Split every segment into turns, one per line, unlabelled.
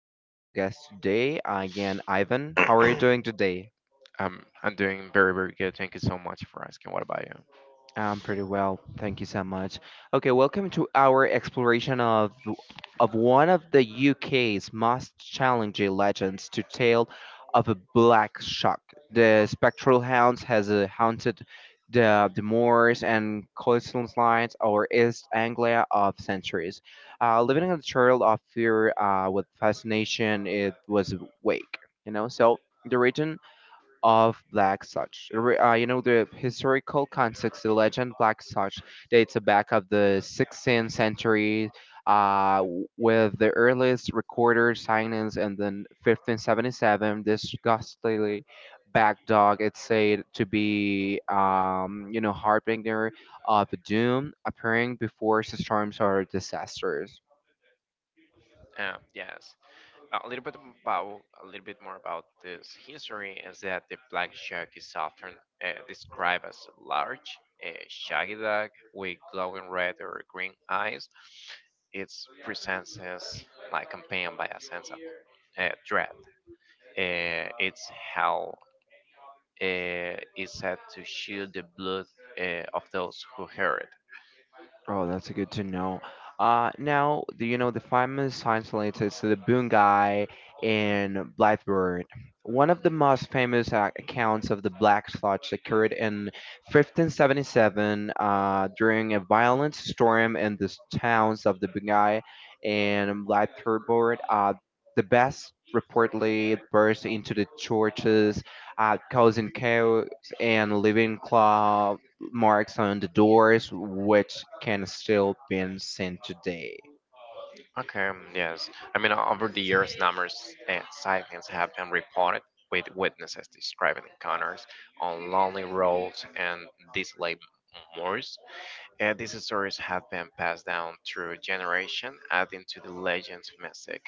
an special guest today, again, Ivan. How are you doing today?
I'm doing very, very good. Thank you so much for asking. What about you?
I'm pretty well. Thank you so much. Okay, welcome to our exploration of one of the UK's most challenging legends to tale of a black shark. The spectral hound has haunted the moors and coastlines or East Anglia of centuries. Living in a trail of fear with fascination, it was awake. So the region of Black Such. The historical context, the legend Black Such dates back of the 16th century, with the earliest recorded signings in the 1577, this ghastly back dog it's said to be harbinger of doom appearing before storms or disasters.
Um, yes, a little bit more about this history is that the black shark is often described as a large, shaggy dog with glowing red or green eyes. Its presence is like accompanied by a sense of dread. Its how is said to shield the blood of those who heard.
Oh, that's good to know. Now, the famous science related to the Bungai in Blackbird. One of the most famous accounts of the Black Sludge occurred in 1577, during a violent storm in the towns of the Bungai and Blackbird. The best reportedly burst into the churches, causing chaos and leaving marks on the doors which can still be seen today.
Okay, yes. I mean, over the years, numerous sightings have been reported with witnesses describing encounters on lonely roads and desolate moors. These stories have been passed down through generation, adding to the legend's mystic.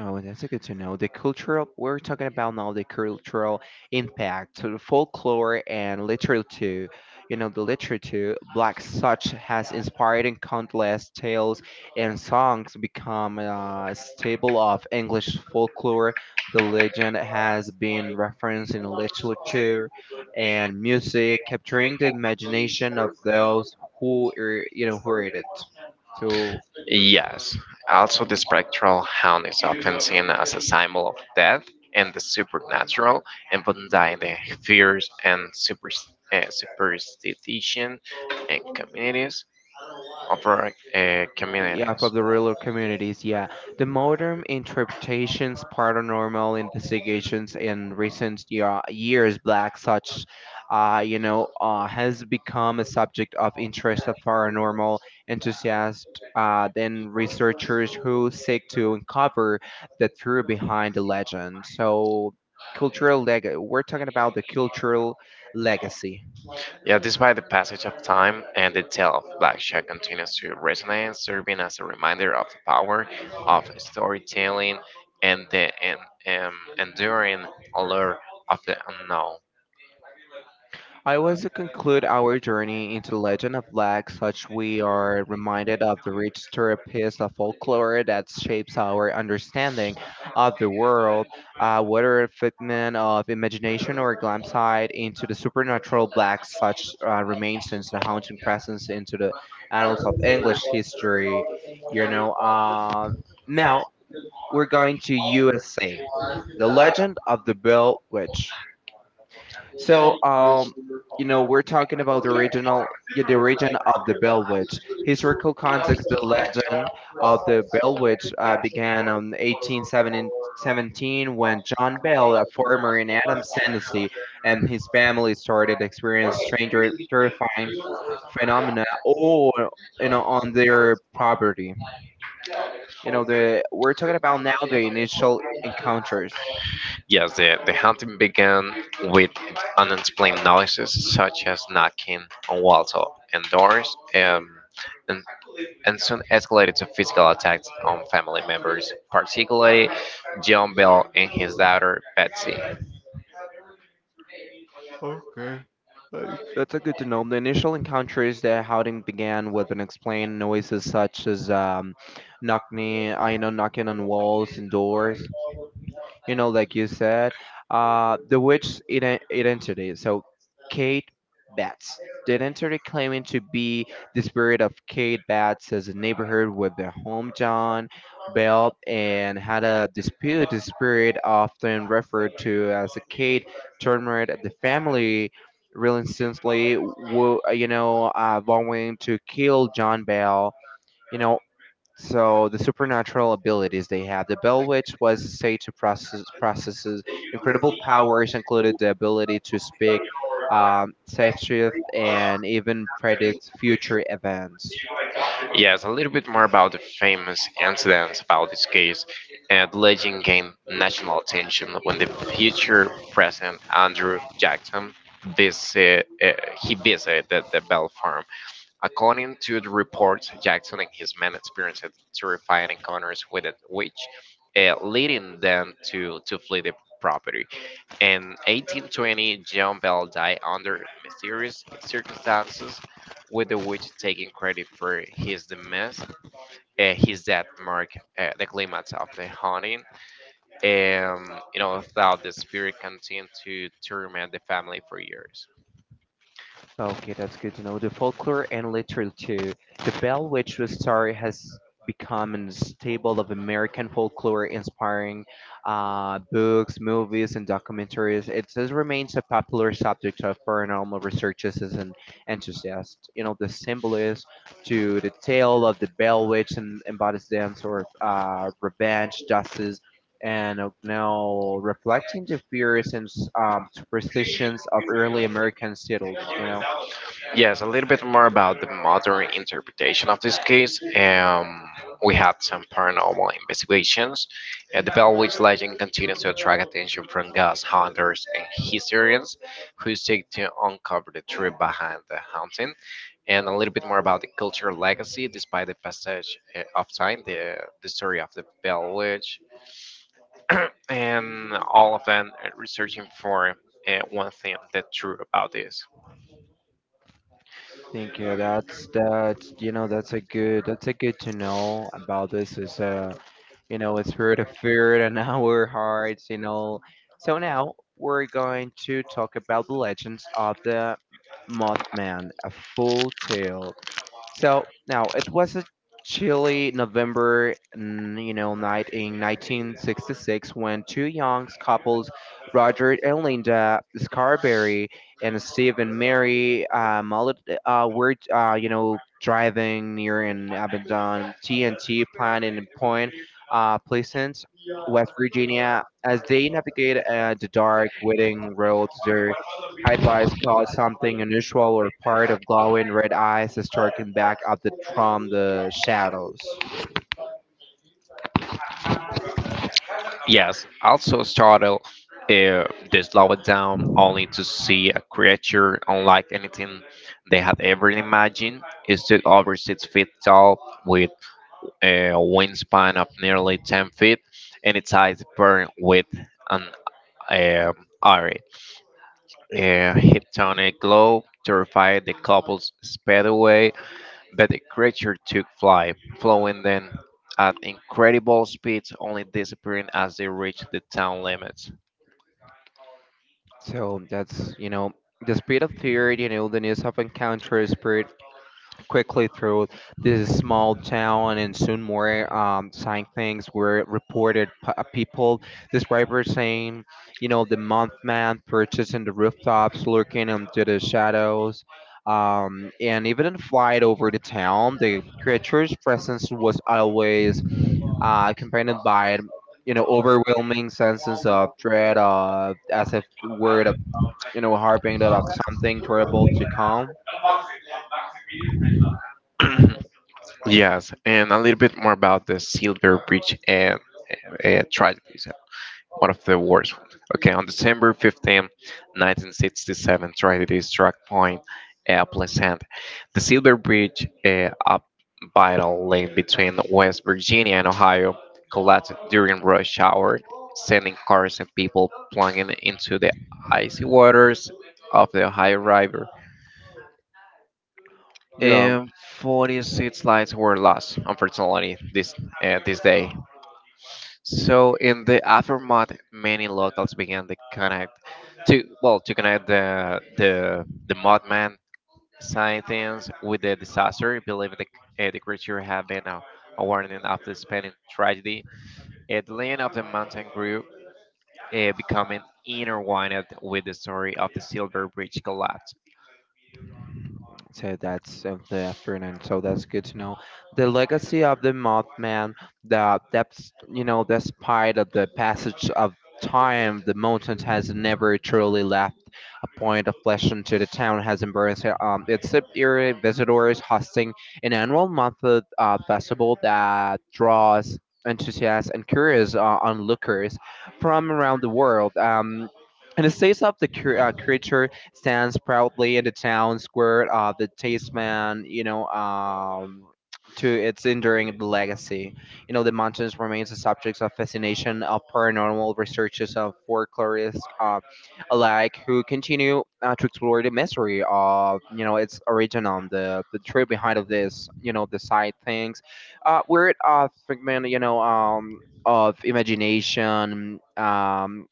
Oh, that's a good to know. The cultural, we're talking about now the cultural impact, so the folklore and literature. You know, the literature, Black such has inspired in countless tales and songs become a staple of English folklore. The legend has been referenced in literature and music, capturing the imagination of those who, are, you know, who read it. So
Yes. Also, the spectral hound is often seen as a symbol of death and the supernatural, embodying the fears and superstition and
yeah, for
communities.
the rural communities, yeah, the modern interpretations paranormal investigations in recent years black such, has become a subject of interest of paranormal enthusiasts, then researchers who seek to uncover the truth behind the legend. So cultural leg we're talking about the cultural legacy.
Yeah, despite the passage of time and the tale of Black Jack continues to resonate, serving as a reminder of the power of storytelling and the um, enduring allure of the unknown.
I was to conclude our journey into the legend of Black, such we are reminded of the rich therapist of folklore that shapes our understanding of the world, whether a figment of imagination or a glance sight into the supernatural Black, such remains since the haunting presence into the annals of English history. You know, uh, Now we're going to USA, the legend of the Bell Witch. So, um, we're talking about the original, yeah, the origin of the Bell Witch. Historical context: the legend of the Bell Witch began in 1817 when John Bell, a farmer in Adams, Tennessee, and his family started experiencing strange, or terrifying phenomena all, you know, on their property. You know, the We're talking about now the initial encounters.
Yes, the hunting began with unexplained noises such as knocking on walls and doors, and, and soon escalated to physical attacks on family members, particularly John Bell and his daughter Betsy.
Okay. Right. That's a good to know. The initial encounters that Howden began with unexplained noises such as knocking, I know, knocking on walls and doors, you know, like you said, the witch's identity. So, Kate Batts. The identity claiming to be the spirit of Kate Batts as a neighborhood with the hometown belt and had a dispute. The spirit, often referred to as a Kate, tormented at the family relentlessly, vowing to kill John Bell. You know, so the supernatural abilities they have. The Bell Witch was a sage who processes incredible powers, included the ability to speak, safe shift, and even predict future events.
Yes, a little bit more about the famous incidents about this case. And the legend gained national attention when the future president Andrew Jackson visit, uh, he visited the Bell Farm. According to the reports, Jackson and his men experienced terrifying encounters with a witch, leading them to flee the property. In 1820, John Bell died under mysterious circumstances, with the witch taking credit for his demise. His death marked the climax of the haunting, um, you know, thought the spirit continued to torment the family for years.
Okay, that's good to know. The folklore and literature. Too. The Bell Witch story has become a staple of American folklore, inspiring books, movies, and documentaries. It just remains a popular subject of paranormal researchers and enthusiasts. You know, the symbolism to the tale of the Bell Witch and embodies them sort of revenge, justice, and now reflecting the fears and superstitions of early American settlers, you know.
Yes, a little bit more about the modern interpretation of this case. We had some paranormal investigations. The Bellwitch legend continues to attract attention from ghost hunters and historians who seek to uncover the truth behind the haunting. And a little bit more about the cultural legacy, despite the passage of time, the story of the Bellwitch, and all of them researching for one thing that's true about this.
Thank you. That's you know that's a good to know about this is it's spirit of fear and our hearts, you know. So now we're going to talk about the legends of the Mothman, a full tale. So now it was a chilly November, you know, night in 1966 when two young couples, Roger and Linda Scarberry and Steve and Mary Mullet, you know, driving near an abandoned TNT plant in Point Pleasant, West Virginia, as they navigate the dark, winding roads. Their headlights caught something unusual or part of glowing red eyes striking back at the from the shadows.
Yes, also startled, uh, they slow it down only to see a creature unlike anything they had ever imagined. It stood over 6 feet tall, with a wingspan of nearly 10 feet, and its eyes burned with an um iron. A hypnotic glow terrified the couples sped away, but the creature took flight, flowing then at incredible speeds, only disappearing as they reached the town limits.
So that's you know the speed of fear, you know, the news of encounter spirit quickly through this small town and soon more sign things were reported people describers saying you know the month man purchasing the rooftops lurking into the shadows, and even in flight over the town the creature's presence was always accompanied by you know overwhelming senses of dread of as if the word of you know harping that of something terrible to come,
Yes, and a little bit more about the Silver Bridge and tragedies, one of the worst ones. Okay, on December 15, 1967, tragedy struck Point Pleasant. The Silver Bridge, a vital link between West Virginia and Ohio, collapsed during rush hour, sending cars and people plunging into the icy waters of the Ohio River.
yeah.
And 46 lives were lost, unfortunately, this day. So in the aftermath, many locals began to connect to well to connect the Mothman sightings with the disaster, believing the creature had been a warning of the Spanish tragedy. The legend of the mountain grew, becoming intertwined with the story of the Silver Bridge collapse.
So that's of the effort, and so that's good to know. The legacy of the Mothman, the that's you know, despite of the passage of time, the mountain has never truly left a point of flesh into the town has embraced it. Its a area visitors hosting an annual month festival that draws enthusiasts and curious onlookers from around the world. In the states of the creature stands proudly in the town square of the Tasman, you know, to its enduring legacy. You know, the mountains remains the subject of fascination of paranormal researchers of folklorists alike who continue to explore the mystery of, you know, its origin on the trip behind of this, you know, the side things. We're figment, of imagination,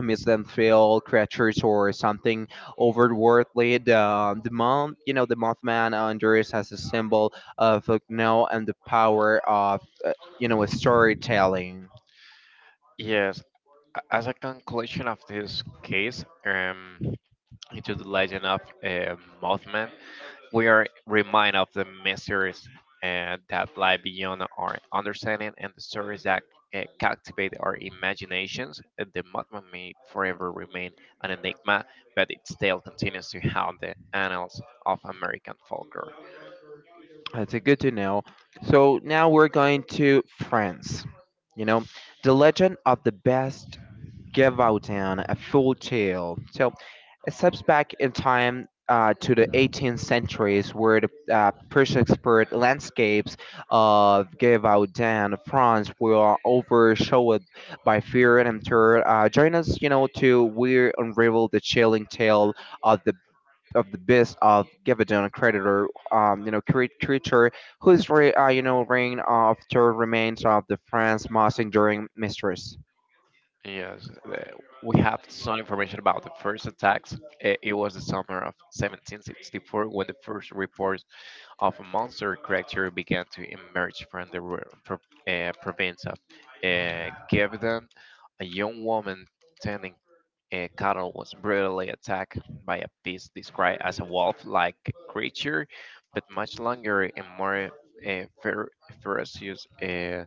makes them. Feel creatures or something otherworldly. The month, you know, the Mothman on Duris has a symbol of know and the power of you know storytelling.
Yes, as a conclusion of this case, into the legend of Mothman, we are reminded of the mysteries that lie beyond our understanding and the stories that captivate our imaginations. The Mothman may forever remain an enigma, but its tale continues to haunt the annals of American folklore.
That's good to know. So now we're going to France. You know, the legend of the best Gavaudan, a full tale. So. It steps back in time to the 18th centuries, where the perseus landscapes of Givaudan, France, were overshadowed by fear and terror. Join us, you know, to we unravel the chilling tale of the of the beast of Givaudan, a creditor, creature whose, you know, reign of terror remains of the France most enduring mistress.
Yes, we have some information about the first attacks. It was the summer of 1764 when the first reports of monster creatures began to emerge from the province of Gevdan. A young woman tending cattle was brutally attacked by a beast described as a wolf-like creature, but much longer and more uh, fer- ferocious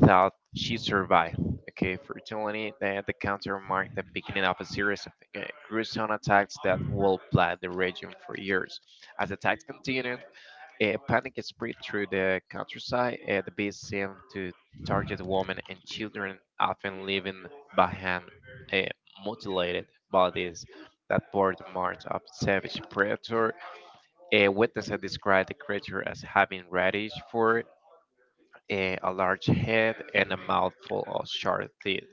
thought she survived. Okay, fortunately, the counter marked the beginning of a series of gruesome attacks that will plague the region for years. As attacks continued, a panic spread through the countryside. The beast seemed to target women and children, often leaving behind uh, mutilated bodies that bore the marks of savage predator. A witness had described the creature as having reddish fur, a large head, and a mouthful of sharp teeth.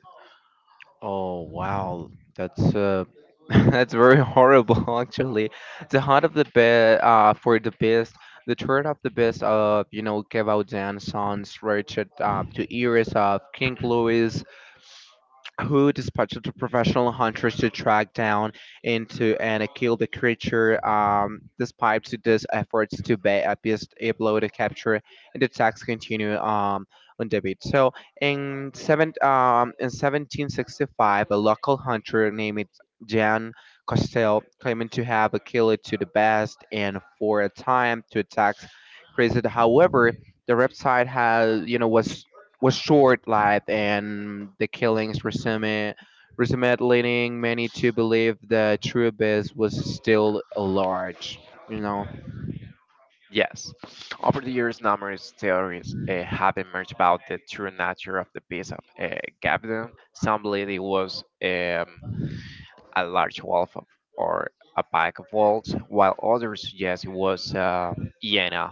Oh wow, that's that's very horrible actually. The heart of the best for the best, the third of the best you know Kev Sons Richard, to ears of King Louis who dispatched the professional hunters to track down into and kill the creature. Despite to these efforts to be able to capture, and the attacks continue, on David. So in 1765, a local hunter named Jan Costell claiming to have killed it to the best and for a time to attacks created. However, the website has you know was short-lived, and the killings resumed, leading many to believe the true abyss was still large. You know,
Yes, over the years, numerous theories have emerged about the true nature of the beast of Gabdon. Some believe it was. A large wolf or a pack of wolves, while others suggest it was a hyena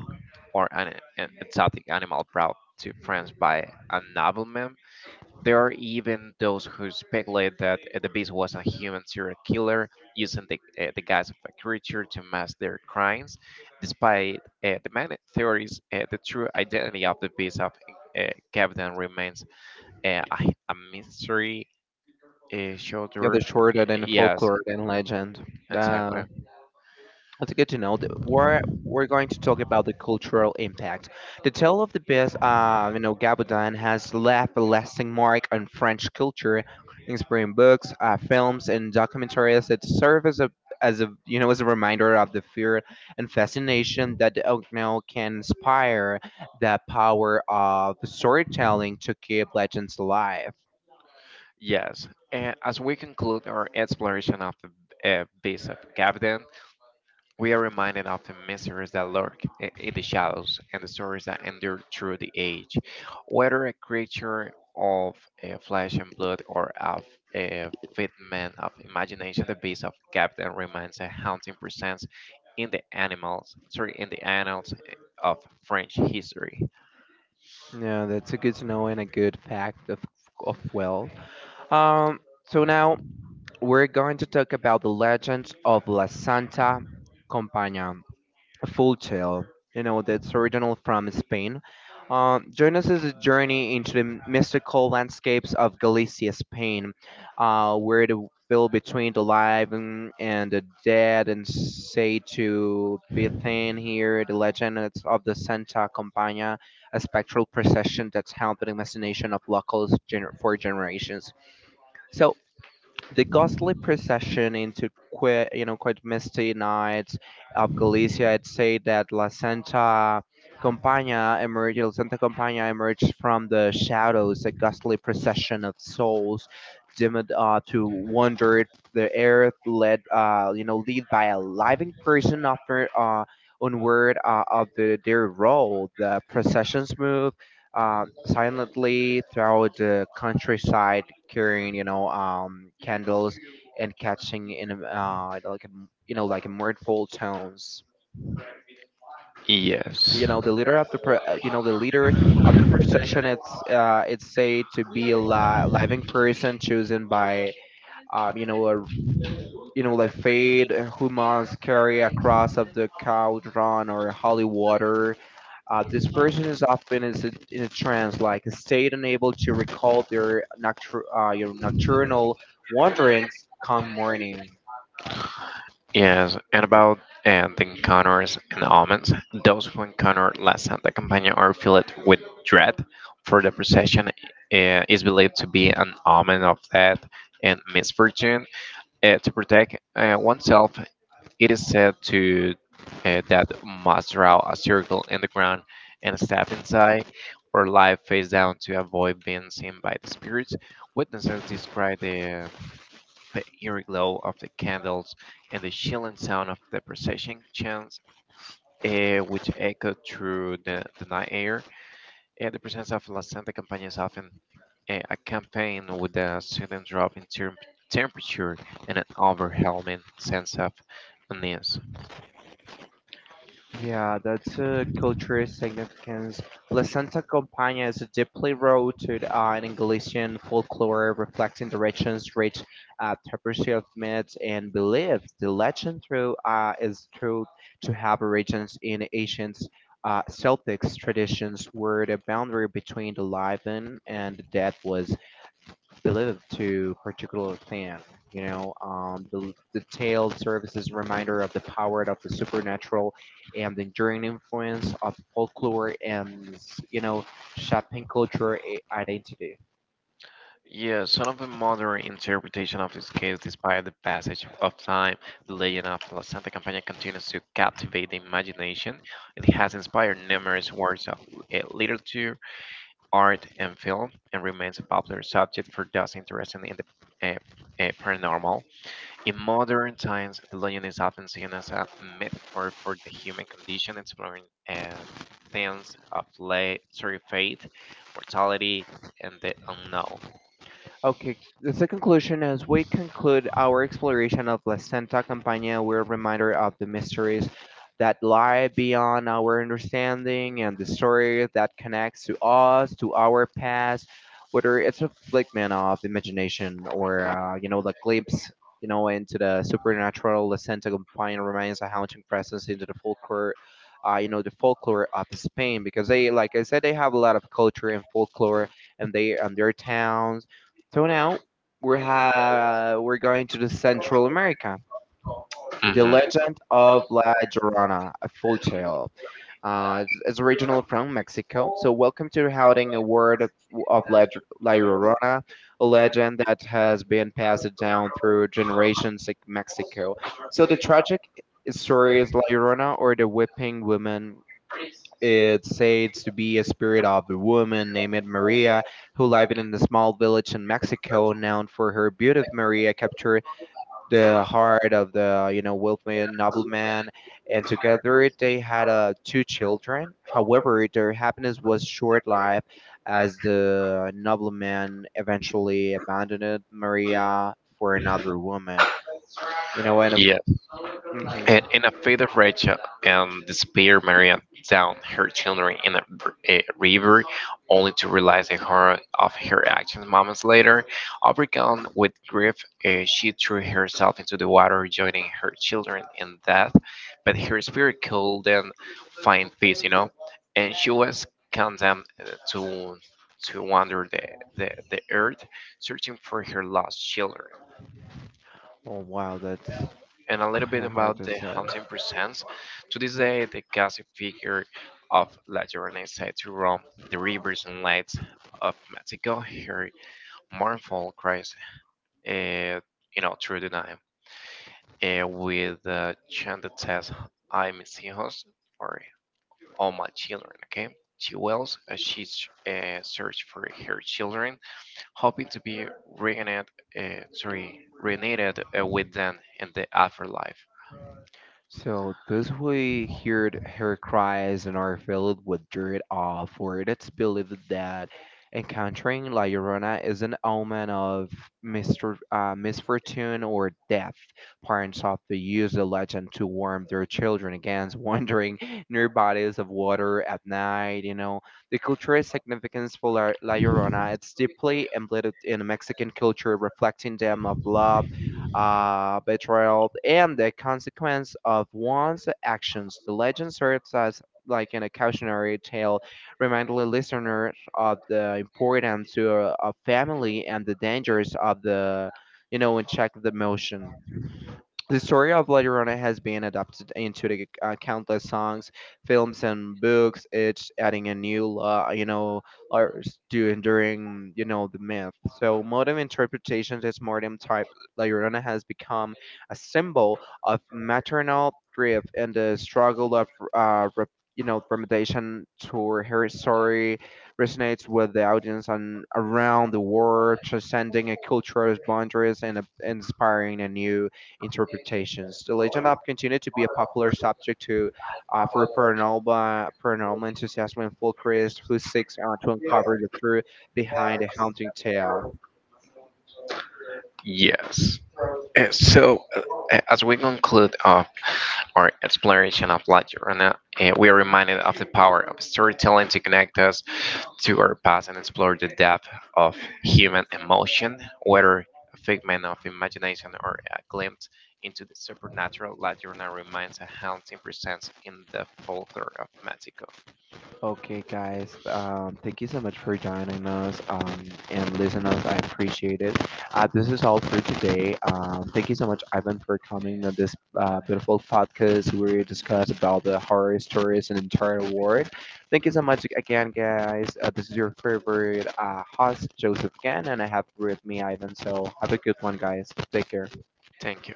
or an exotic animal brought to France by a nobleman. There are even those who speculate that the beast was a human serial killer using the guise of a creature to mask their crimes. Despite the many theories, the true identity of the beast of Captain remains a mystery. Uh,
the
shoulder,
other short and
yes,
folklore and legend. Uh,
exactly.
That's good to know. That we're going to talk about the cultural impact. The tale of the best, you know, Gabudin has left a lasting mark on French culture, inspiring books, films, and documentaries that serve as a you know as a reminder of the fear and fascination that the Ogno can inspire the power of storytelling to keep legends alive.
Yes, and as we conclude our exploration of the Beast of Gavidan, we are reminded of the mysteries that lurk in the shadows and the stories that endure through the age. Whether a creature of flesh and blood or of a figment of imagination, the Beast of Gavden remains a haunting presence in the animals, sorry, in the annals of French history.
Yeah, that's a good to know and a good fact of well. Um, so now. We're going to talk about the legends of La Santa Compañía, a full tale. You know, that's original from Spain. Join us as a journey into the mystical landscapes of Galicia, Spain, where the will between the live and the dead and say to be thin here the legend is of the santa Compañía, a spectral procession that's haunted the imagination of locals for generations. So the ghostly procession into quite you know quite misty nights of Galicia. I'd say that La Santa Compaña emerged. La Santa Compaña emerged from the shadows, a ghostly procession of souls dimmed to wander the earth, led you know lead by a living person after. Onward of the, their role, the processions move, silently throughout the countryside, carrying you know candles and catching in a, like a, you know like mournful tones.
Yes.
You know the leader of the leader of the procession. It's said to be a living person chosen by you know a you know, like fade, humus carry a cross of the cauldron or holy water. This person is often is in a trance, like a state unable to recall their, your nocturnal wanderings come morning.
Yes, and about the encounters and omens, those who encounter La Santa Campana are filled with dread, for the procession is believed to be an omen of death and misfortune. To protect oneself, it is said to that must draw a circle in the ground and step inside or lie face down to avoid being seen by the spirits. Witnesses describe the eerie glow of the candles and the chilling sound of the procession chants, which echoed through the night air. The presence of La Santa Campana is often accompanied with a sudden drop in temperature and an overwhelming sense of unease.
Yeah, that's a cultural significance. La Santa Compañía is deeply rooted in Galician folklore, reflecting the region's rich tapestry of myths and beliefs. The legend through, is true to have origins in ancient Celtic traditions where the boundary between the living and the dead was related to particular thing. The detailed serves as reminder of the power of the supernatural and the enduring influence of folklore and you know shaping culture identity.
Yes, some of the modern interpretation of this case, despite the passage of time, the legend of La Santa Campana continues to captivate the imagination. It has inspired numerous works of literature art and film and remains a popular subject for those interested in the paranormal. In modern times, the legend is often seen as a metaphor for the human condition, exploring themes of sorry, faith, mortality, and the unknown.
Okay, the second conclusion as we conclude our exploration of La Santa Campana, we're reminded of the mysteries that lie beyond our understanding and the story that connects to us, to our past, whether it's a figment of imagination or the glimpse, into the supernatural. La Santa Campana remains a haunting presence into the folklore, the folklore of Spain because they, like I said, they have a lot of culture and folklore and they and their towns so now we're going to the Central America. The
Mhm.
legend of La Llorona, a full tale. It's original from Mexico. So welcome to Howling, a word of La Llorona, a legend that has been passed down through generations in Mexico. So the tragic story is La Llorona, or the Whipping Woman, it said to be a spirit of a woman named Maria who lived in a small village in Mexico, known for her beauty. Maria captured the heart of the wealthy nobleman, and together they had two children. However, their happiness was short-lived, as the nobleman eventually abandoned Maria for another woman. You know, and if,
Yeah,
hmm
and in a fit of rage and despair, Maria dumped her children in a river, only to realize the horror of her actions moments later. Overcome with grief, she threw herself into the water, joining her children in death, but her spirit couldn't find peace, you know, and she was condemned to to wander the earth searching for her lost children
oh wow, that's
and a little
kind
bit
of hard
about
to
the
say.
hunting presents. To this day, the classic figure of La Llorona is said to roam the rivers and lakes of Mexico. Her mournful cries, uh, you know, through the night, with the chanted text, "I mis hijos," or "All my children." Okay. She wails as she searches for her children, hoping to be reunited, with them in the afterlife.
So those who heard her cries and are filled with dread awe, for it's believed that encountering La Llorona is an omen of misfortune or death. Parents often use the legend to warn their children against wandering near bodies of water at night. You know, the cultural significance for La Llorona it's deeply embedded in Mexican culture, reflecting them of love betrayal, and the consequence of one's actions. The legend serves as like an cautionary tale, reminding listeners of the importance to a family and the dangers of the, and check the motion. The story of La Llorona has been adapted into the, countless songs, films, and books, each adding a new, layers to enduring, the myth. So modern interpretations, this modern type La Llorona has become a symbol of maternal grief and the struggle of, remediation to her story resonates with the audience and around the world, transcending a cultural boundaries and inspiring a new interpretations. The Legend of continued to be a popular subject to for paranormal enthusiasts and folklorists who seek to uncover the truth behind a haunting tale.
Yes. So, as we conclude of our exploration of La Llorona, we are reminded of the power of storytelling to connect us to our past and explore the depth of human emotion, whether a figment of imagination or a glimpse into the supernatural. La Llorona remains a haunting presence in the folklore of Mexico.
Okay, guys, thank you so much for joining us and listeners. I appreciate it. This is all for today. Thank you so much, Ivan, for coming to this beautiful podcast where we discuss about the horror stories in the entire world. Thank you so much again, guys. This is your favorite host, Joseph Gann, and I have with me Ivan. So have a good one, guys. Take care.
Thank you.